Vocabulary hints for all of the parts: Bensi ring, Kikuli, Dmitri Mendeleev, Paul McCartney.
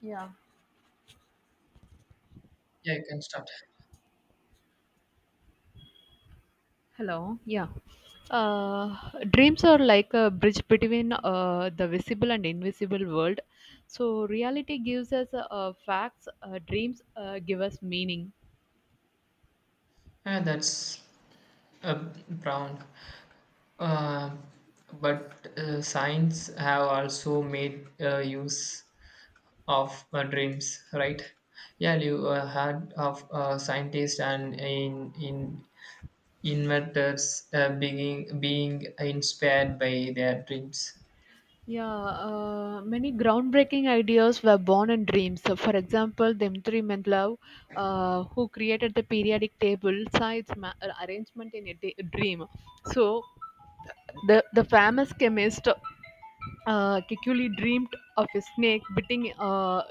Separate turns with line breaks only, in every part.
Yeah.
Yeah, you can start.
Hello. Yeah. Uh, Dreams are like a bridge between the visible and invisible world. So reality gives us facts. Dreams give us meaning.
Yeah, that's uh, brown. Uh, but science have also made use of dreams, right? Yeah, you heard of scientists and in inventors being inspired by their dreams.
Yeah. Many groundbreaking ideas were born in dreams. So for example, Dmitri Mendeleev, who created the periodic table, saw its arrangement in a dream. So the famous chemist Kikuli dreamed of a snake biting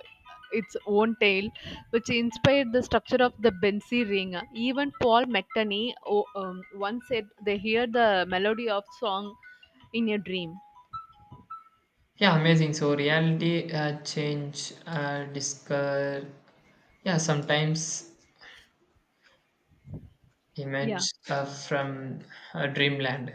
its own tail, which inspired the structure of the Bensi ring. Even Paul McCartney once said they hear the melody of song in a dream.
Yeah, amazing. So reality change, discover. Yeah, sometimes
Yeah.
image from dreamland.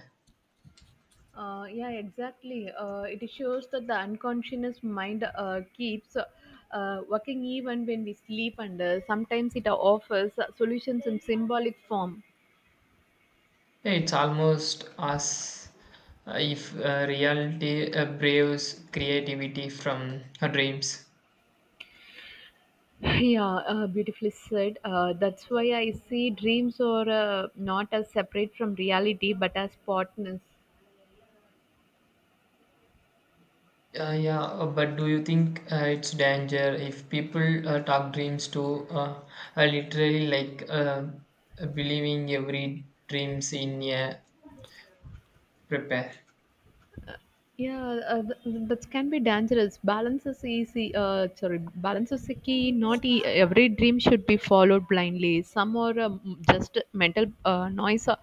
Yeah, exactly. It shows that the unconscious mind keeps working even when we sleep, and sometimes it offers solutions in symbolic form.
Yeah, it's almost as if reality braves creativity from her dreams.
Yeah, beautifully said. That's why I see dreams are not as separate from reality, but as partners.
Yeah, but do you think it's danger if people talk dreams to literally like believing every dreams in a prepare?
Yeah, that can be dangerous. Balance is easy. Sorry, balance is the key. Not every dream should be followed blindly. Some are just mental noise.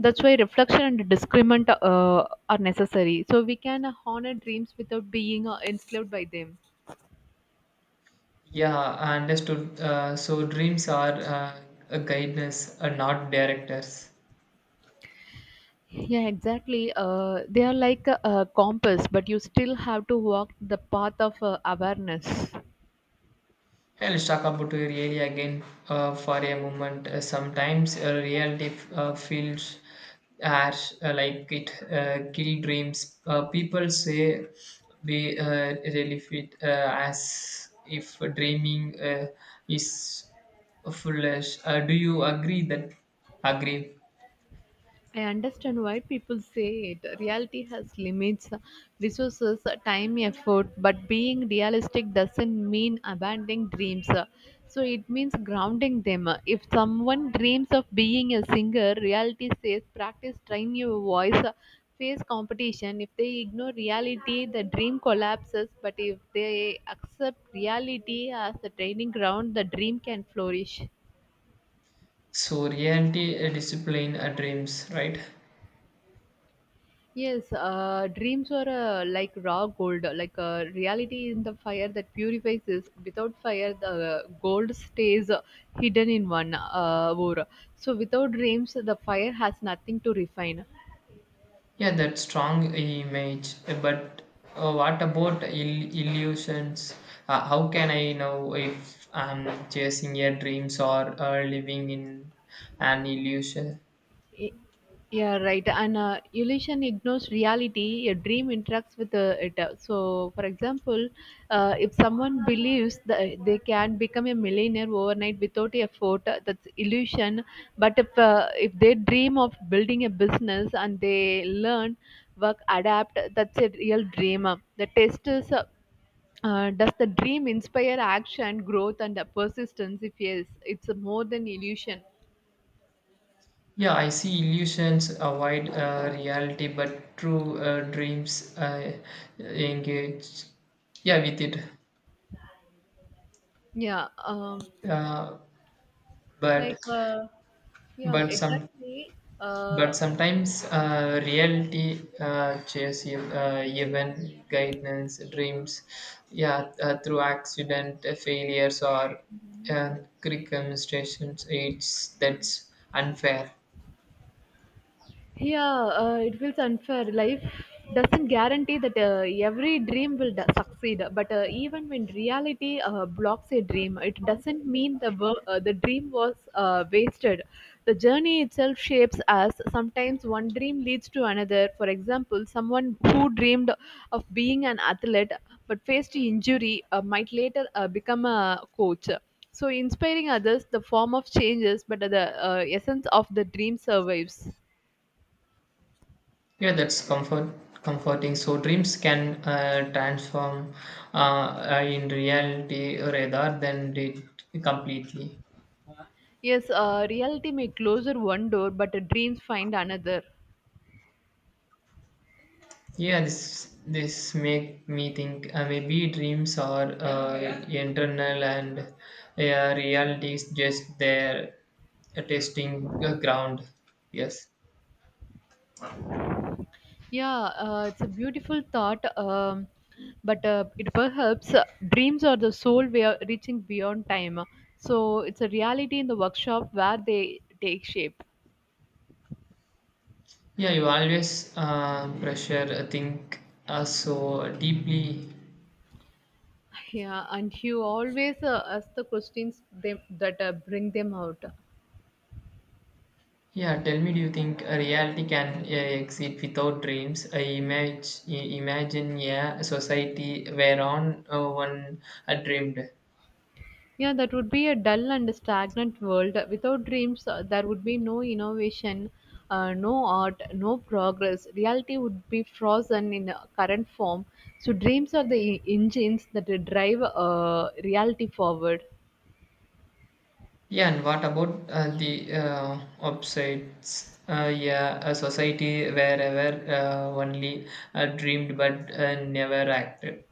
That's why reflection and discernment are necessary. So we can honor dreams without being enslaved by them.
Yeah, I understood. So dreams are a guidance, not directors.
Yeah, exactly. They are like a compass, but you still have to walk the path of awareness.
Yeah, let's talk about your area again for a moment. Sometimes reality feels as like it kill dreams. People say we really fit as if dreaming is foolish. Do you agree that? Agree.
I understand why people say it. Reality has limits, resources, time, effort, but being realistic doesn't mean abandoning dreams. So it means grounding them. If someone dreams of being a singer, reality says practice, train your voice, face competition. If they ignore reality, the dream collapses, but if they accept reality as a training ground, the dream can flourish.
So reality discipline dreams, right?
Yes, dreams are like raw gold. Like reality in the fire that purifies is. Without fire, the gold stays hidden in one ore. So without dreams, the fire has nothing to refine.
Yeah, that strong image. But what about illusions? How can I know if I'm chasing your dreams or living in an illusion?
Y- Yeah, right. And illusion ignores reality. A dream interacts with it. So, for example, if someone believes that they can become a millionaire overnight without effort, that's illusion. But if they dream of building a business and they learn, work, adapt, that's a real dream. The test is. Does the dream inspire action, growth, and persistence? If yes, it's more than illusion.
Yeah, I see illusions avoid reality, but true dreams engage. Yeah, with it.
Yeah.
Uh, but
Like, uh, yeah,
but some
exactly.
But
Uh,
sometimes reality chase you, even guidance, dreams, yeah, through accident, failures, or uh, curriculum stations. It's that's unfair.
yeah it feels unfair. Life doesn't guarantee that every dream will succeed, but even when reality blocks a dream, it doesn't mean the the dream was wasted. The journey itself shapes us. Sometimes one dream leads to another. For example, someone who dreamed of being an athlete but faced injury might later become a coach, so inspiring others. The form of changes, but the essence of the dream survives.
Yeah, that's comforting. So dreams can transform in reality rather than it completely.
Yes, reality may close one door, but the dreams find another.
Yeah, this make me think maybe dreams are internal and reality is just their testing ground. Yes.
Yeah, it's a beautiful thought, but it perhaps dreams are the soul we are reaching beyond time. So it's a reality in the workshop where they take shape.
Yeah, you always pressure think so deeply.
Yeah, and you always ask the questions them, that bring them out.
Yeah, tell me, do you think a reality can exist without dreams? I image, imagine, yeah, a society whereon one dreamed.
Yeah, that would be a dull and stagnant world. Without dreams, there would be no innovation, no art, no progress. Reality would be frozen in a current form. So, dreams are the engines that drive reality forward.
Yeah, and what about the upsides? Yeah, a society where ever only dreamed but never acted.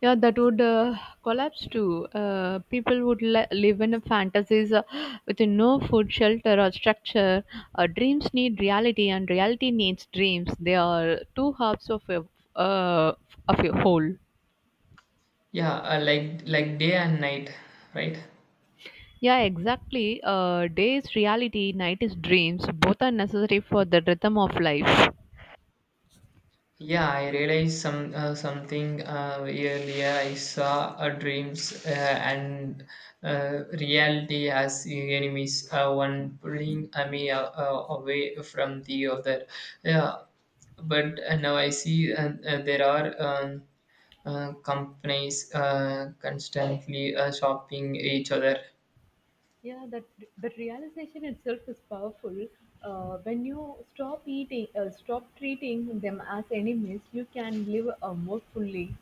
Yeah, that would collapse too. People would live in fantasies with no food, shelter, or structure. Dreams need reality, and reality needs dreams. They are two halves of uh, of a whole.
Yeah, like day and night, right?
Yeah, exactly. Day is reality, night is dreams. Both are necessary for the rhythm of life.
Yeah, I realized some something earlier. I saw dreams and reality as enemies, one pulling me away from the other. Yeah, but now I see there are. Companies constantly shopping each other.
Yeah, that realization itself is powerful. When you stop eating, stop treating them as enemies, you can live more fully.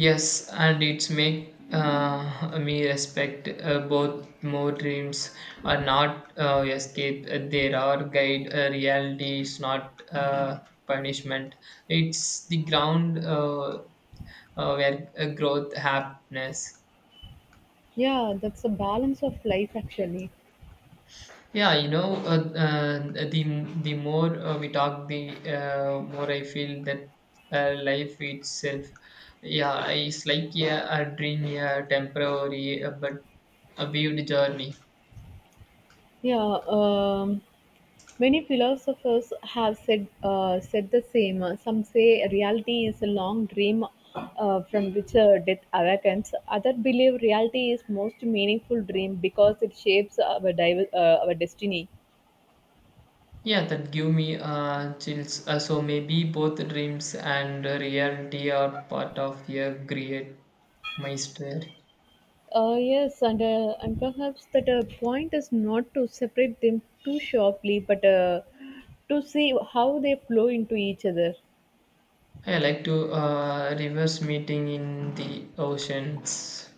Yes, and it's make me respect both more. Dreams are not escape. There are guide. Reality is not punishment. It's the ground where growth happiness.
Yeah, that's the balance of life actually.
Yeah, you know, the more we talk, the more I feel that life itself, yeah, is like yeah, a dream, yeah, temporary, but a vivid journey.
Yeah, many philosophers have said the same. Some say reality is a long dream from which death awakens. Others believe reality is most meaningful dream because it shapes our our destiny.
Yeah, that give me chills. So maybe both dreams and reality are part of a great mystery.
Yes, and perhaps that point is not to separate them too sharply, but to see how they flow into each other.
I like to reverse meeting in the oceans.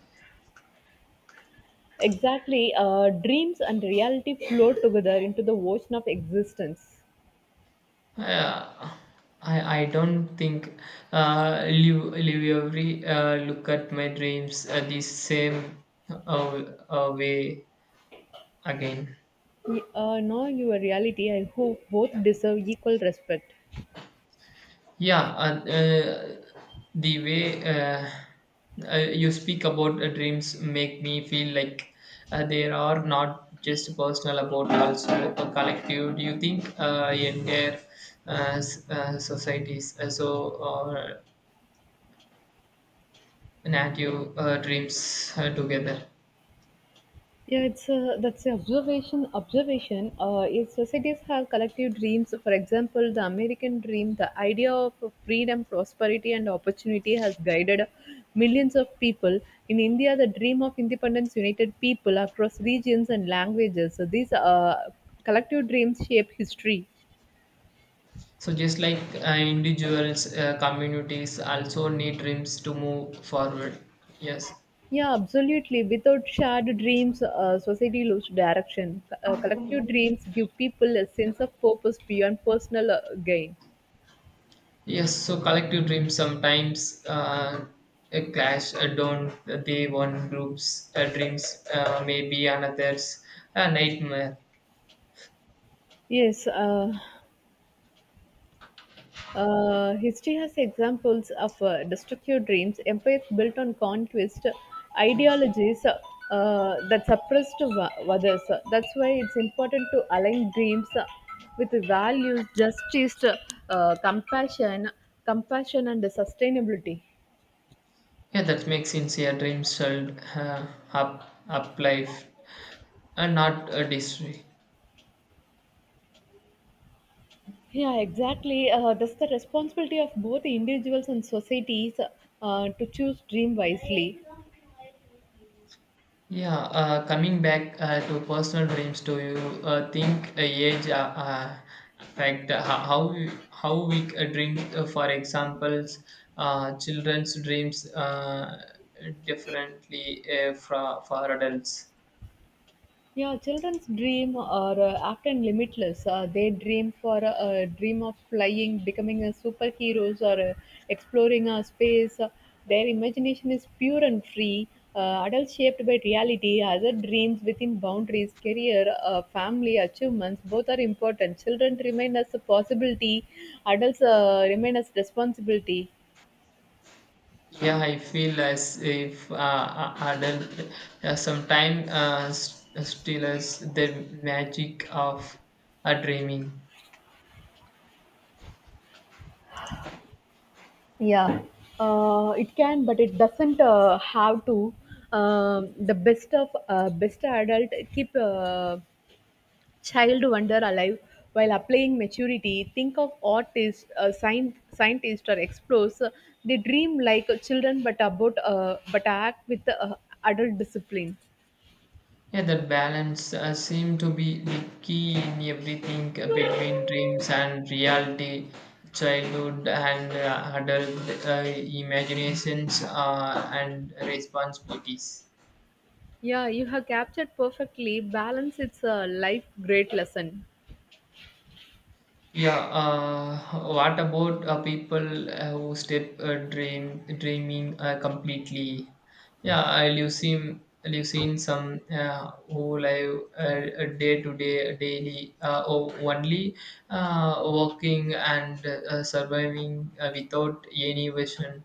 Exactly, dreams and reality flow together into the ocean of existence.
Uh, I don't think live, every look at my dreams the same uh, way again.
Now your reality, I hope both deserve equal respect.
Yeah, uh, uh, the way you speak about dreams make me feel like they are not just personal about also a collective. Do you think entire societies so native dreams together?
Yeah, it's that's the observation. Observation. If societies have collective dreams, for example, the American dream, the idea of freedom, prosperity, and opportunity has guided millions of people. In India, the dream of independence united people across regions and languages. So these collective dreams shape history.
So just like individuals, communities also need dreams to move forward. Yes,
Yeah, absolutely. Without shared dreams, society loses direction. Collective dreams give people a sense of purpose beyond personal gain.
yes. So collective dreams sometimes clash. Don't they? One group's dreams may be another's a nightmare.
Yes, history has examples of destructive dreams, empires built on conquest, ideologies that suppressed others. That's why it's important to align dreams with values, justice, compassion, and sustainability.
Yeah, that makes sincere dreams shall uh, up life and not a destroy.
Yeah, exactly. That's the responsibility of both individuals and societies to choose dream wisely.
Yeah, coming back to personal dreams, do you think age affect how how we dream? For examples, children's dreams differently for adults.
Yeah, children's dream are often limitless. They dream for a dream of flying, becoming a superheroes, or exploring space. Their imagination is pure and free. Adults shaped by reality, other dreams within boundaries, career, family, achievements, both are important. Children remain as a possibility, adults remain as responsibility.
Yeah, I feel as if adult sometimes steals the magic of a dreaming.
Yeah, it can, but it doesn't have to. Um, the best of best adult keep child wonder alive while applying maturity. Think of artists, scientists, or explorers. They dream like children, but about but act with adult discipline.
Yeah, that balance seemed to be the key in everything between dreams and reality, childhood and adult imaginations and responsibilities.
Yeah, you have captured perfectly. Balance. It's a life great lesson.
Yeah, what about people who step dreaming completely? Yeah, I you seen some who live day to day daily only working and surviving without any vision.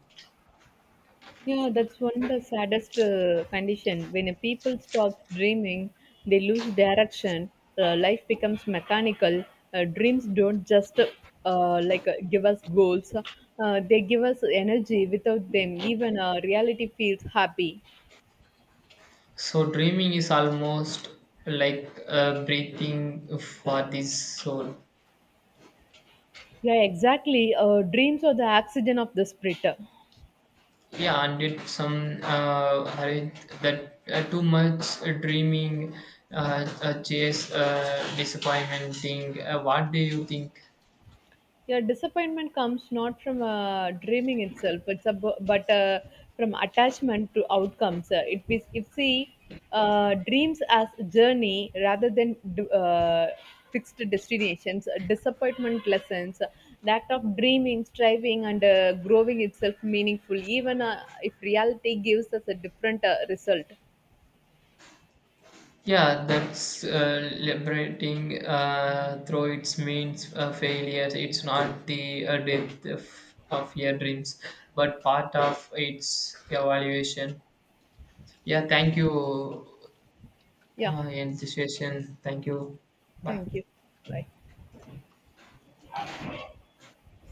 Yeah, that's one the saddest condition. When a people stop dreaming, they lose direction. Life becomes mechanical. Dreams don't just like give us goals. They give us energy. Without them, even reality feels happy.
So dreaming is almost like breathing for this soul.
Yeah, exactly. Dreams are the oxygen of the spirit.
Yeah, and it's some hurry that too much dreaming, chase, disappointing. What do you think?
Yeah, disappointment comes not from dreaming itself, it's a, bu- but from attachment to outcomes. It is if see dreams as a journey rather than fixed destinations. Disappointment lessons that of dreaming, striving, and growing itself meaningful, even if reality gives us a different result.
Yeah, that's liberating. Though it means failure, it's not the death of your dreams, but part of its evaluation. Yeah, thank you,
Yeah,
end the session. Thank you. Bye.
thank you. Bye.